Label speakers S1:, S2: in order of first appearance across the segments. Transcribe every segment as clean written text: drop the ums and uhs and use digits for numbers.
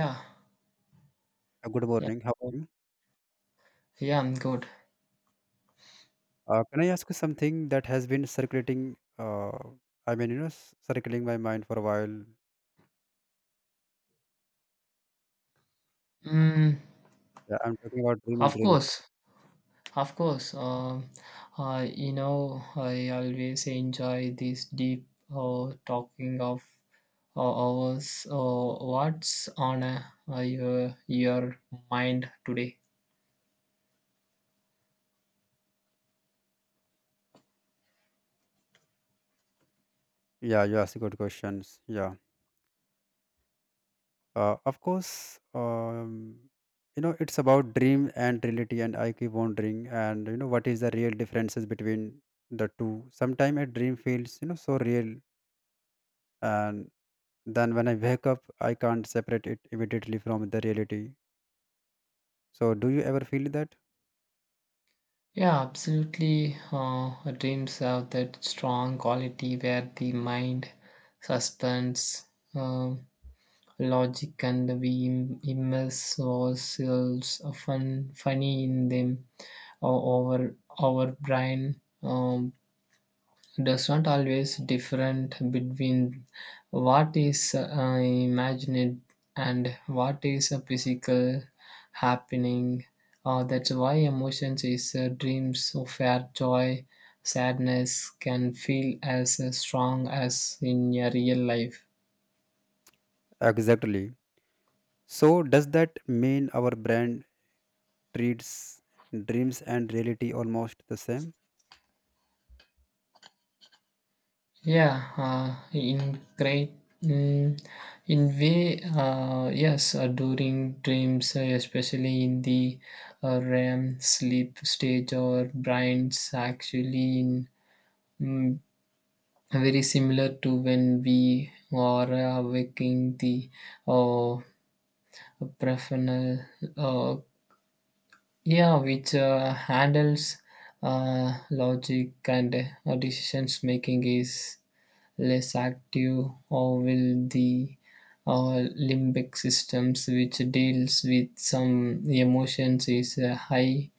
S1: Yeah,
S2: Good
S1: yeah,
S2: morning. How are
S1: good.
S2: you?
S1: Yeah, I'm good.
S2: Can I ask you something that has been circulating? Circling my mind for a while.
S1: Mm,
S2: Yeah, I'm talking about dream and
S1: of
S2: reality.
S1: course, of course. I always enjoy this deep talking of hours. What's on your mind today?
S2: Yeah, you ask good questions. Yeah. Of course, it's about dream and reality, and I keep wondering, and what is the real differences between the two? Sometimes a dream feels, so real, and then when I wake up, I can't separate it immediately from the reality. So, do you ever feel that?
S1: Yeah, absolutely. Dreams have that strong quality where the mind suspends. Um, Logic and we immerse ourselves funny in them. or our, our brain does not always different between what is imagined and what is a physical happening. That's why emotions is dreams of our joy, sadness can feel as strong as in your real life.
S2: Exactly. So does that mean our brand treats dreams and reality almost the same?
S1: Yeah, in great, mm, in way, yes, during dreams, especially in the REM sleep stage or brains, actually in mm, very similar to when we are waking the uh, prefrontal, uh, yeah, which handles logic and decisions making is. Less active, or will the limbic systems, which deals with some emotions, is high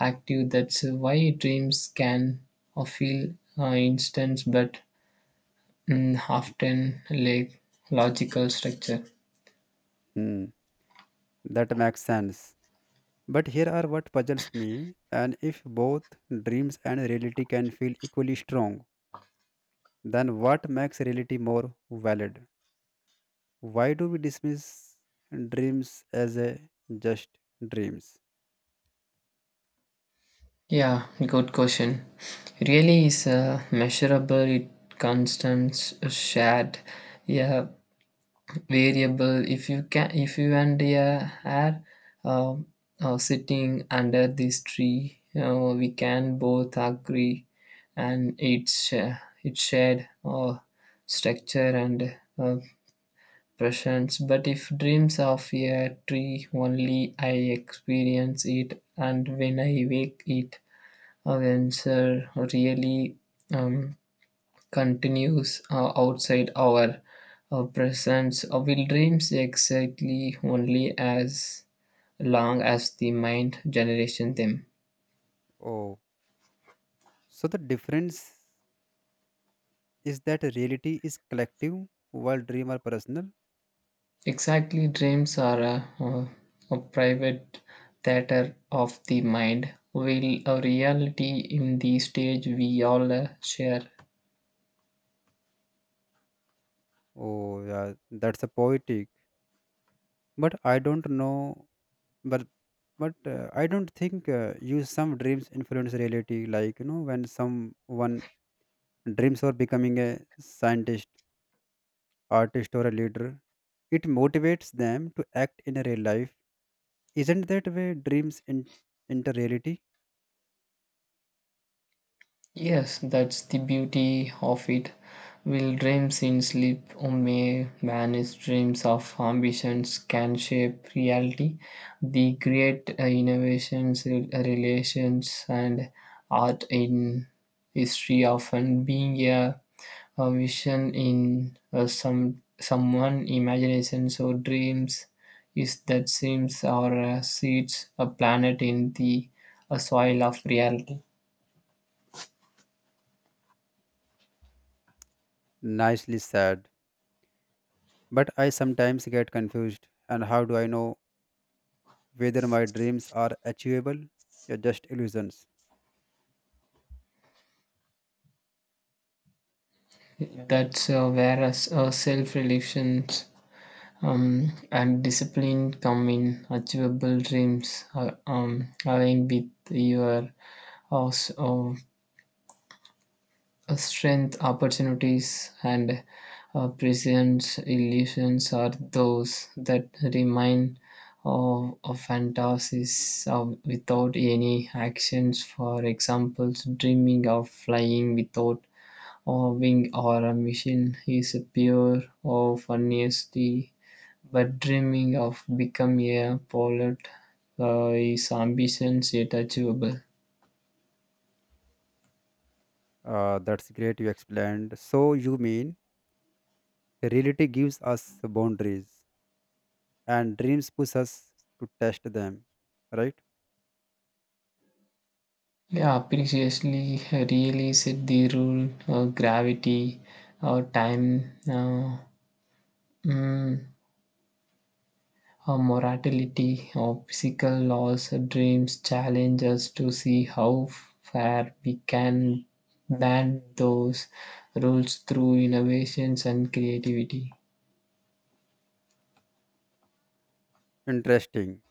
S1: active. That's why dreams can feel instant, but often lack logical structure.
S2: Hmm, that makes sense. But here are what puzzles me, and if both dreams and reality can feel equally strong, then what makes reality more valid? Why do we dismiss dreams as a just dreams?
S1: Yeah, good question. Really is measurable. It constants shared. Yeah, variable if you and are uh, sitting under this tree we can both agree and it's shared structure and presence but if dreams of a tree only I experience it and when I wake it answer really um, continues outside our presence will dreams exactly only as long as the mind generation them.
S2: Oh, so the difference is that reality is collective while dream are personal.
S1: Exactly dreams are a private theater of the mind will a reality in the stage we all share.
S2: Oh, yeah, that's a poetic. But I don't know. But but I don't think you some dreams influence reality. Like when someone dreams of becoming a scientist, artist, or a leader, it motivates them to act in a real life. Isn't that way dreams in, into reality?
S1: Yes, that's the beauty of it. Will dreams in sleep or may manage dreams of ambitions can shape reality. The great innovations, relations, and art in history often being a vision in someone imagination. So dreams is that seems or seeds a planet in the soil of reality.
S2: Nicely said. But I sometimes get confused. And how do I know whether my dreams are achievable or just illusions?
S1: That's where us, self relations and discipline come in. Achievable dreams are aligned with your uh, s- uh, strength, opportunities, and present illusions are those that remain of fantasies of, without any actions. For example, dreaming of flying without a wing or a machine is pure or honesty, but dreaming of becoming a pilot is ambitions yet achievable.
S2: That's great. You explained. So you mean reality gives us boundaries, and dreams push us to test them. Right?
S1: Yeah, previously really set the rule of gravity or time. Mm, Our mortality, our physical laws, dreams challenge us to see how far we can bend those rules through innovations and creativity.
S2: Interesting.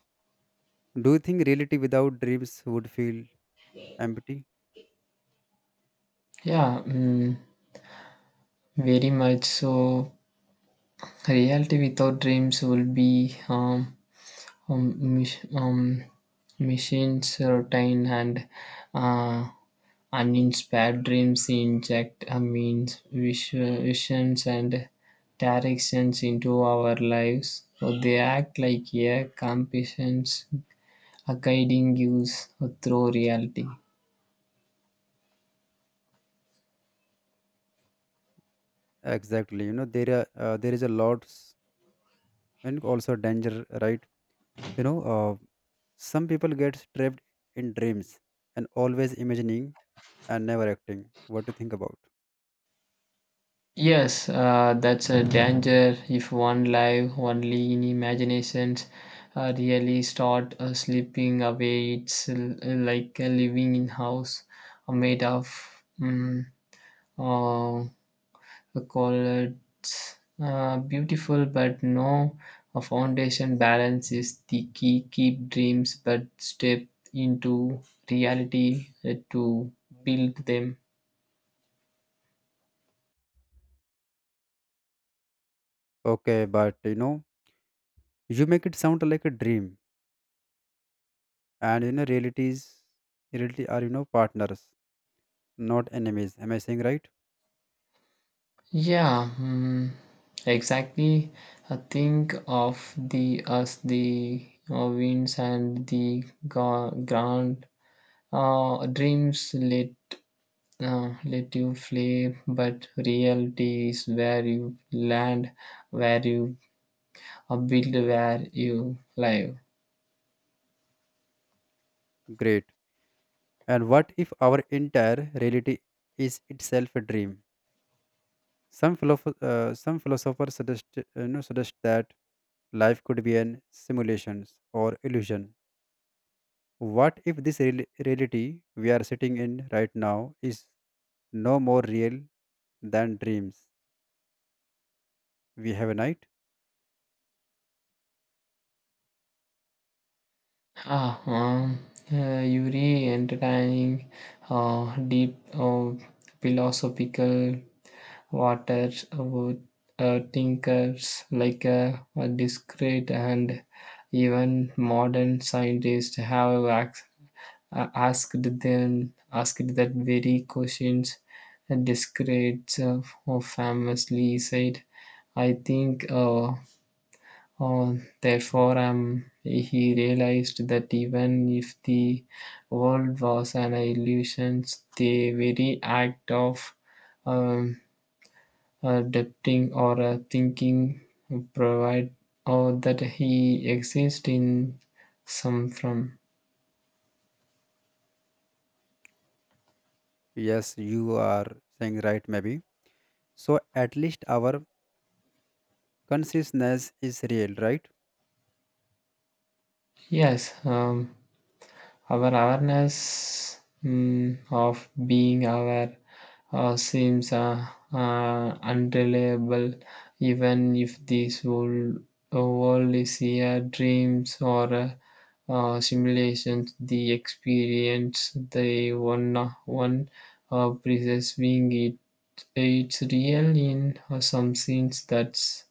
S2: Do you think reality without dreams would feel empty?
S1: Yeah, very much. So, reality without dreams will be um, mach- um, machines, routine, and uh, uninspired dreams inject a means visions and directions into our lives. So they act like a compassions, a guiding use through reality.
S2: Exactly. You know there are there is a lot s- and also danger. Right? You know, uh, some people get trapped in dreams and always imagining and never acting. What do you think about?
S1: Yes, that's a danger if one life, only in imaginations really start slipping away. It's like a living in house made of mm, uh, call it beautiful but no a foundation balance is the key keep dreams but step into reality to build them.
S2: Okay, but you make it sound like a dream, and realities, reality are partners, not enemies. Am I saying right?
S1: Yeah, exactly I think of the as the winds and the ground dreams let you fly but reality is where you land where you a build where you live.
S2: Great. And what if our entire reality is itself a dream? Some philosophers suggest suggest that life could be an simulation or illusion. What if this real- reality we are sitting in right now is no more real than dreams we have a night?
S1: Ah, you re entertaining deep philosophical waters with thinkers like a discreet and even modern scientists have asked that very questions. Discreet famously said, "I think." Uh, Therefore, he realized that even if the world was an illusion, the very act of um, adapting or thinking provide or that he exists in some from.
S2: Yes, you are saying right, maybe. So at least our consciousness is real, right?
S1: Yes, our awareness of being aware seems unreliable, even if this whole world is a dreams or a simulations. The experience the one perceiving it's real in some sense. That's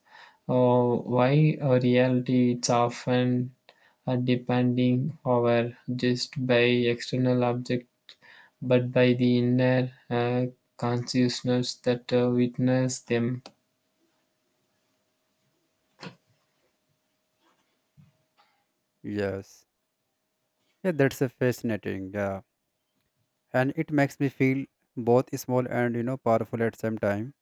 S1: uh, why a reality it's often depending, however, just by external object, but by the inner consciousness that witness them.
S2: Yes. Yeah, that's a fascinating. Yeah. And it makes me feel both small and powerful at same time,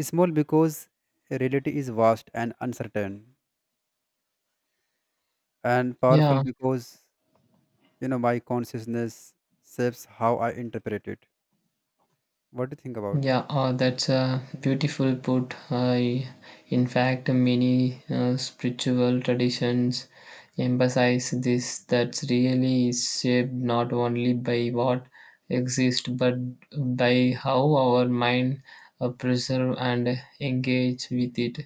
S2: small because reality is vast and uncertain, and powerful
S1: Yeah,
S2: because my consciousness shapes how I interpret it. What do you think about?
S1: yeah, that's a beautiful put. I, in fact, many spiritual traditions emphasize this that really is shaped not only by what exists but by how our mind preserve and engage with it.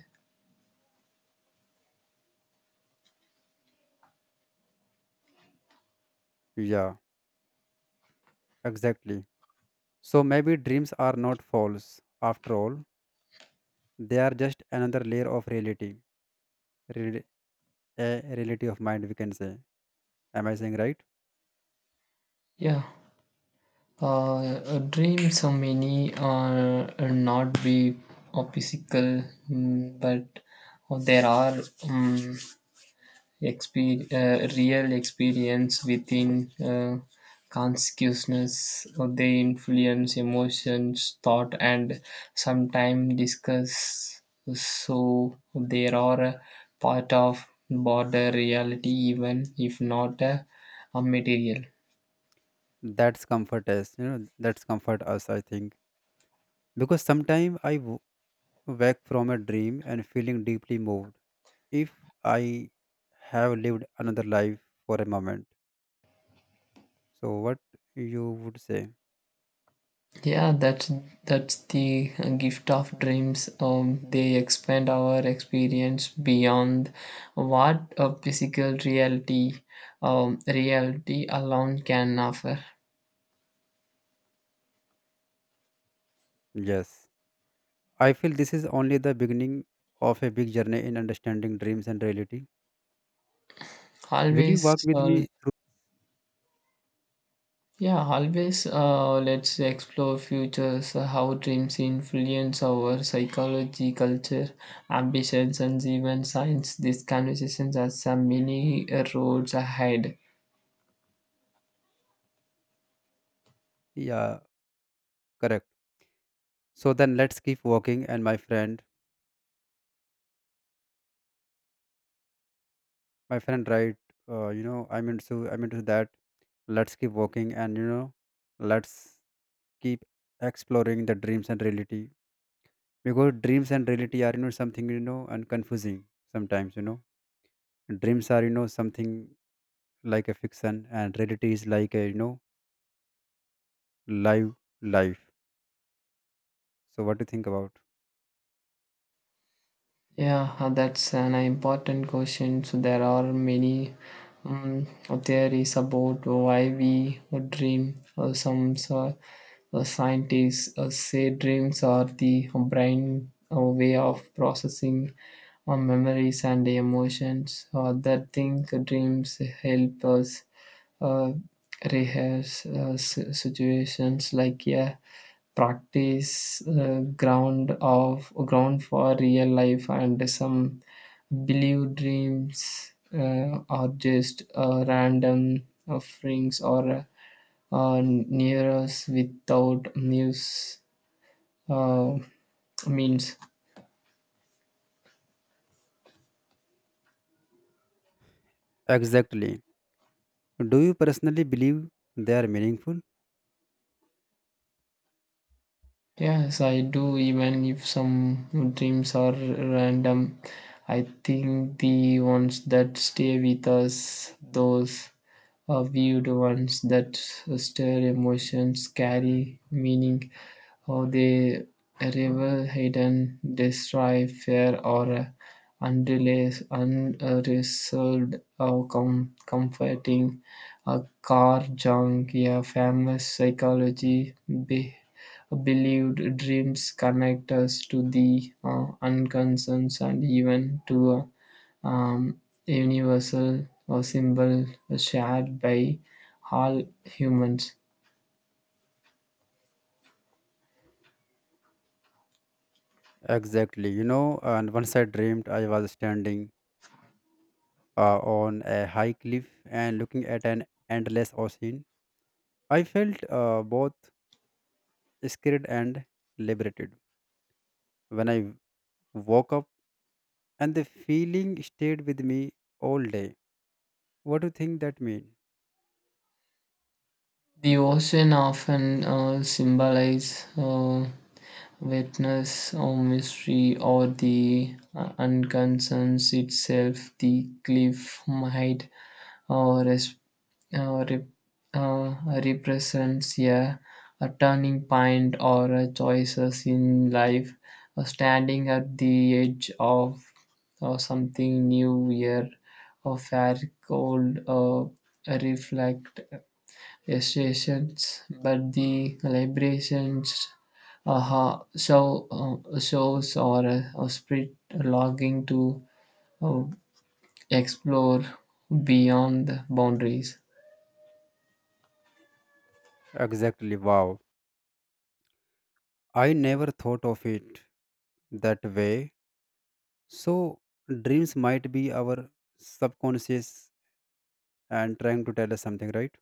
S2: Yeah, exactly. So maybe dreams are not false after all. They are just another layer of reality, real- a reality of mind, we can say. Am I saying right?
S1: Yeah. Dreams are many are not be physical, but there are um, real experience within consciousness. They influence emotions, thought, and sometimes discuss. So they are a part of border reality, even if not a material.
S2: That's comfort us, that's comfort us, I think, because sometimes I wake from a dream and feeling deeply moved if I have lived another life for a moment. So, what you would say?
S1: Yeah, that's the gift of dreams. They expand our experience beyond what a physical reality alone can offer.
S2: Yes. I feel this is only the beginning of a big journey in understanding dreams and reality. Will you
S1: Always,
S2: walk with me through?
S1: yeah, always. Let's explore futures. How dreams influence our psychology, culture, ambitions, and even science. These conversations are some many roads ahead.
S2: Yeah, correct. So then let's keep walking. My friend, right? I'm into that. Let's keep walking, and let's keep exploring the dreams and reality because dreams and reality are something and confusing sometimes, dreams are something like a fiction and reality is like a live life. So what do you think about?
S1: Yeah, that's an important question. So there are many um, theories about why we dream. Some so, scientists say dreams are the brain way of processing memories and emotions. That think dreams help us uh, rehearse situations like yeah practice ground of ground for real life and some believe dreams are just random offerings or near us without news uh, means.
S2: Exactly. Do you personally believe they are meaningful?
S1: Yes, I do, even if some dreams are random. I think the ones that stay with us, those are viewed ones that stir emotions, carry meaning, or they reveal hidden destroy fear or unrealized, unresolved or comforting. A car junk, yeah, famous psychology. Be- Believed dreams connect us to the unconcerns and even to a um, universal or symbol shared by all humans.
S2: Exactly. And once I dreamed I was standing on a high cliff and looking at an endless ocean. I felt both scared and liberated. When I woke up, and the feeling stayed with me all day. What do you think that mean?
S1: The ocean often symbolizes witness or mystery or the unconcerns itself. The cliff might uh, res- uh, rep- uh, represents a turning point or a choices in life, standing at the edge of something new, year or fair cold reflect estations, but the celebrations shows or a spirit longing to uh, explore beyond the boundaries.
S2: Exactly. Wow. I never thought of it that way. So dreams might be our subconscious and trying to tell us something, right?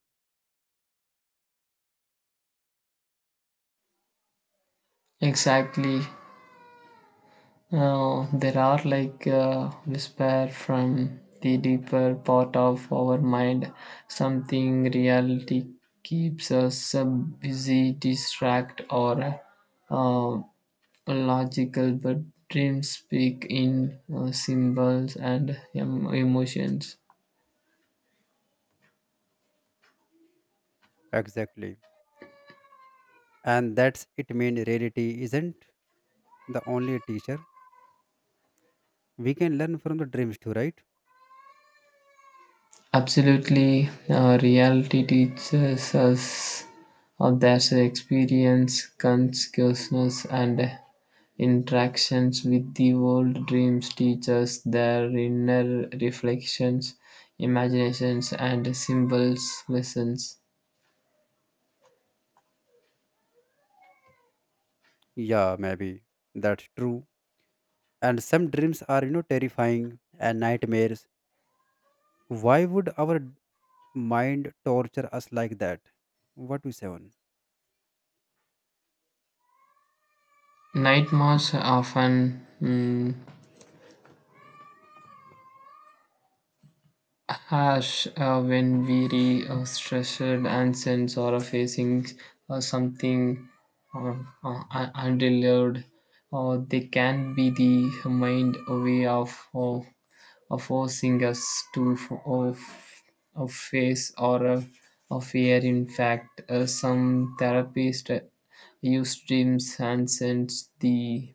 S1: Exactly. There are like whisper from the deeper part of our mind. Something reality keeps us busy, distract, or uh, logical. But dreams speak in symbols and emotions.
S2: Exactly. And that's it mean reality isn't the only teacher. We can learn from the dreams too, right?
S1: Absolutely, reality teaches us of their experience, consciousness, and interactions with the world dreams teach us their inner reflections, imaginations, and symbols lessons.
S2: Yeah, maybe. That's true. And some dreams are, terrifying and nightmares. Why would our mind torture us like that. What we say on?
S1: Nightmares often harsh when weary, stressed, and sense or facing something uh, undelivered. They can be the mind way of forcing us to f- of face or of fear. In fact, some therapists use dreams and sense the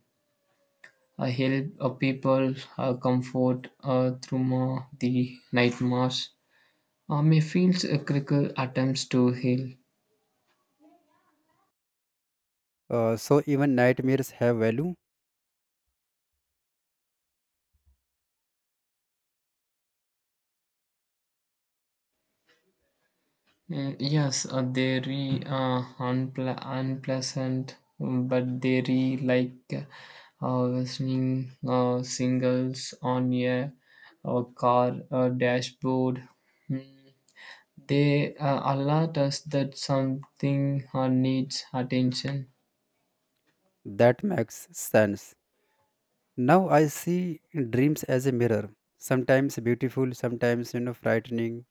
S1: help of people comfort through the nightmares Mayfield's critical attempts to heal.
S2: So even nightmares have value.
S1: Mm, yes, they re uh, unpleasant, but they re like listening singles on a car dashboard. Mm. They alert us that something needs attention.
S2: That makes sense. Now I see dreams as a mirror. Sometimes beautiful, sometimes frightening,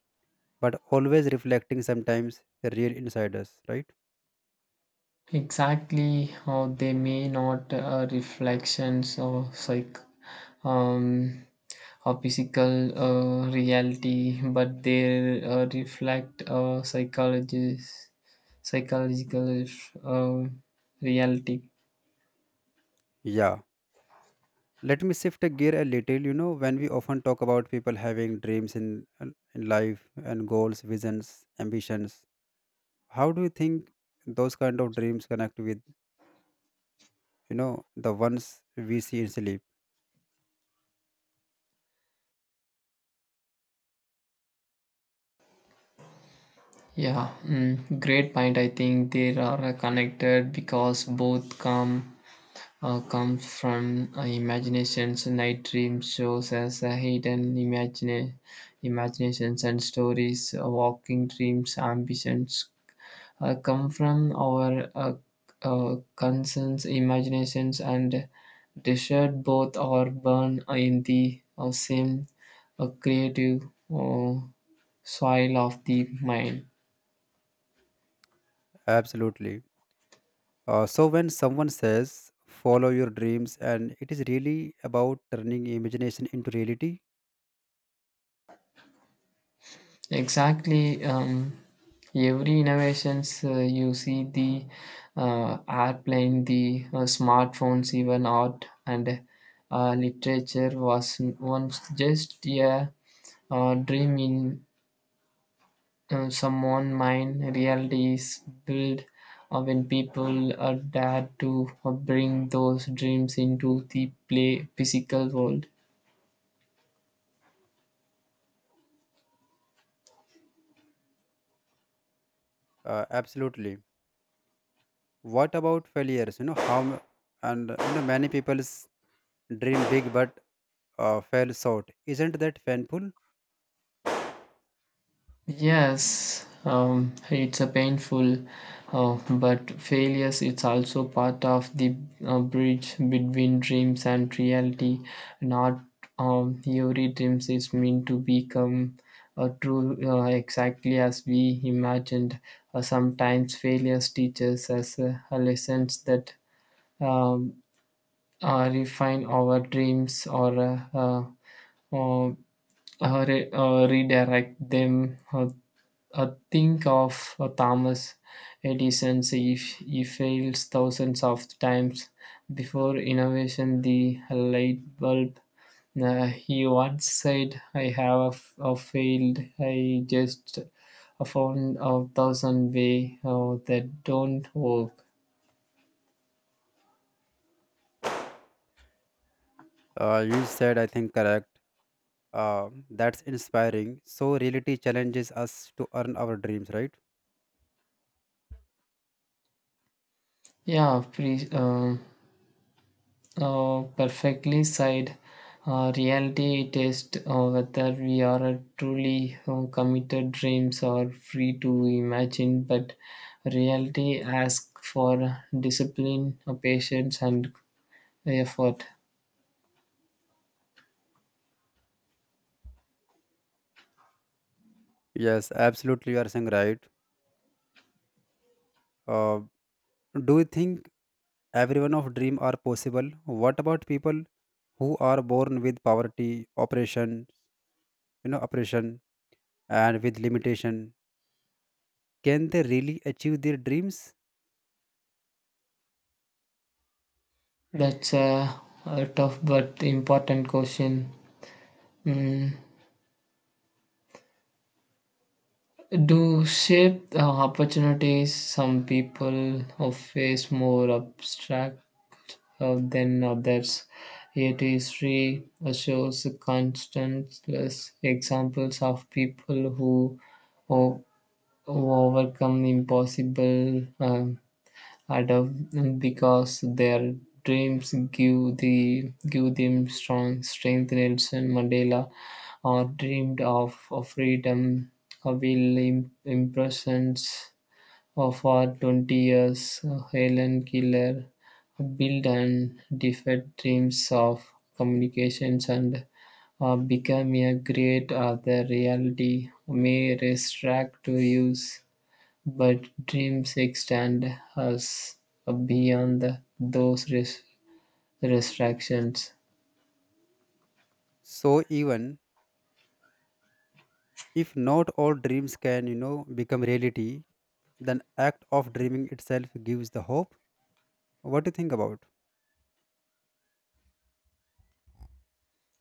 S2: but always reflecting sometimes the real inside us, right?
S1: Exactly, or they may not reflections of psych um, or physical reality, but they reflect psychologist psychological uh, reality.
S2: Yeah. Let me shift a gear a little. When we often talk about people having dreams in life and goals, visions, ambitions, how do you think those kind of dreams connect with? you know the ones we see in sleep.
S1: Yeah, great point. I think they are connected because both comes from imaginations. Night dreams shows us a hidden imaginations and stories. Walking dreams, ambitions come from our concerns, imaginations, and desired. Both are born in the same creative uh, soil of the mind.
S2: Absolutely. So when someone says follow your dreams, and it is really about turning imagination into reality.
S1: Exactly. Every innovations you see the airplane, the smartphones, even art and literature was once just a dream in someone mind. Reality is built when people dare to bring those dreams into the play physical world.
S2: Absolutely. What about failures? You know how m- and you know Many people's dream big but fail short. Isn't that painful?
S1: Yes, it's a painful, but failures it's also part of the bridge between dreams and reality. Not every dreams is meant to become true exactly as we imagined. Sometimes failures teaches us lessons that um, refine our dreams or uh, uh, redirect them think of Thomas Edison. If he fails thousands of times before innovation the light bulb, he once said, "I have a failed. I just found a thousand way that don't work."
S2: You said I think correct. uh, that's inspiring. So reality challenges us to earn our dreams, right?
S1: Yeah, please. Perfectly said. Reality test whether we are truly committed dreams or free to imagine, but reality asks for discipline, patience, and effort.
S2: Yes, absolutely, you are saying right. uh, do you think everyone of dream are possible? What about people who are born with poverty, oppression, oppression and with limitation? Can they really achieve their dreams?
S1: That's a tough but important question. Mm, Do shape opportunities some people face more abstract than others. Yet history shows countless examples of people who, o- overcome impossible. Adult because their dreams give them strong strength. Nelson Mandela or dreamed of freedom or will impressions of our 20 years Helen Keller built and defied dreams of communications and become a great other reality may restrict to use but dreams extend us beyond those restrictions.
S2: So even if not all dreams can, become reality, then act of dreaming itself gives the hope. What do you think about?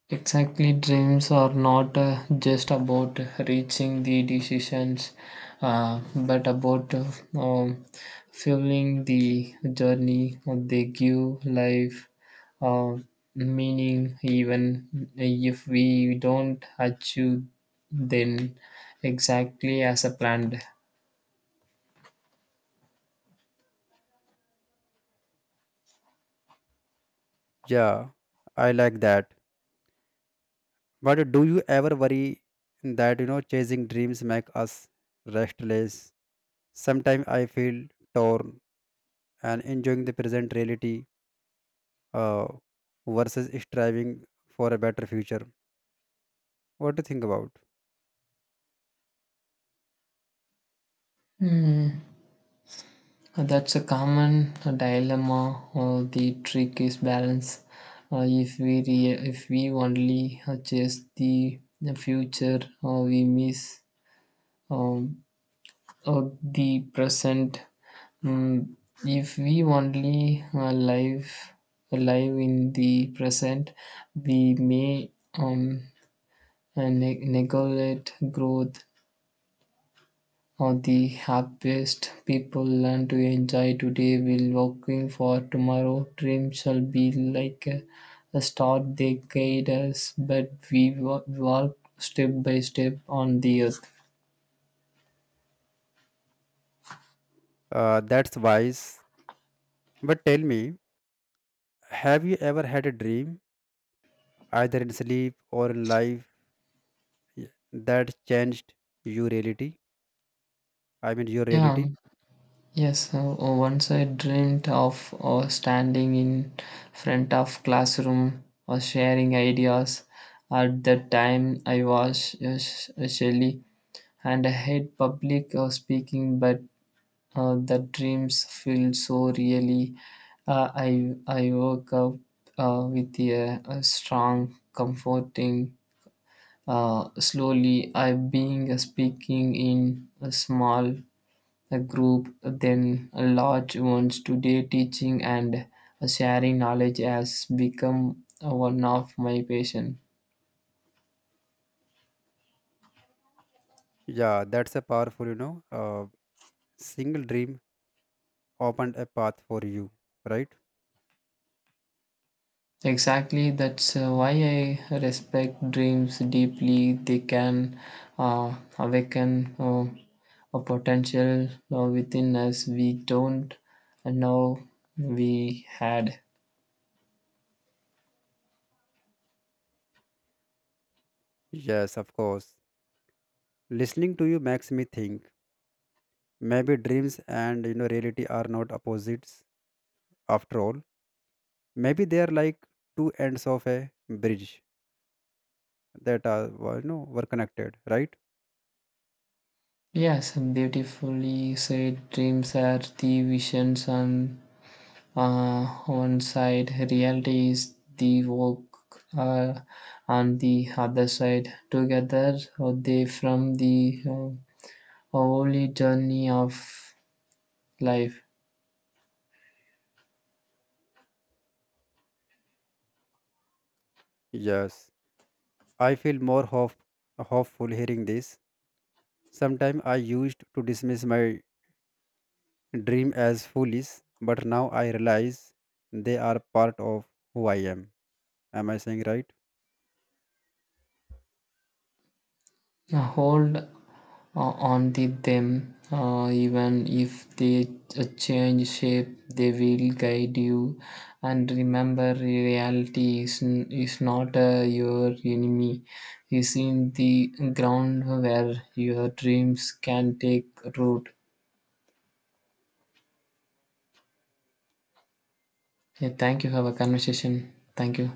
S1: Exactly, dreams are not just about reaching the decisions, but about um, fueling the journey. They give life uh, meaning, even if we don't achieve then exactly as a planned.
S2: Yeah, I like that. But do you ever worry that chasing dreams make us restless? Sometimes I feel torn and enjoying the present reality uh, versus striving for a better future. What do you think about?
S1: Hmm. That's a common dilemma. The trick is balance. If if we only chase the future, we miss um, the present. Mm, if we only live in the present, we may neglect growth. The happiest people learn to enjoy today while working for tomorrow. Dream shall be like a star they guide us, but we walk step by step on the earth.
S2: That's wise. But tell me, have you ever had a dream, either in sleep or in life, y- that changed your reality? I mean, your
S1: Yeah,
S2: reality?
S1: yes. So once I dreamed of standing in front of classroom or sharing ideas. At that time, I was shy and I hate public speaking, but. The dreams feel so really. I woke up with a strong, comforting. Slowly, I being speaking in a small a group, then a large ones. Today, teaching and sharing knowledge has become one of my passion.
S2: Yeah, that's a powerful, single dream opened a path for you, right?
S1: Exactly, that's why I respect dreams deeply. They can awaken a potential within us we don't know we had.
S2: Yes, of course. Listening to you makes me think maybe dreams and reality are not opposites after all. Maybe they are like two ends of a bridge that are well, were connected, right?
S1: Yes, beautifully said. Dreams are the visions on one side, reality is the work uh, on the other side. Together, they from the holy journey of life
S2: Yes. I feel more hope, hopeful hearing this. Sometime I used to dismiss my dream as foolish, but now I realize they are part of who I am. Am I saying right?
S1: hold on to them even if they change shape they will guide you and remember reality is not your enemy is in the ground where your dreams can take root. Yeah, thank you have a conversation thank you.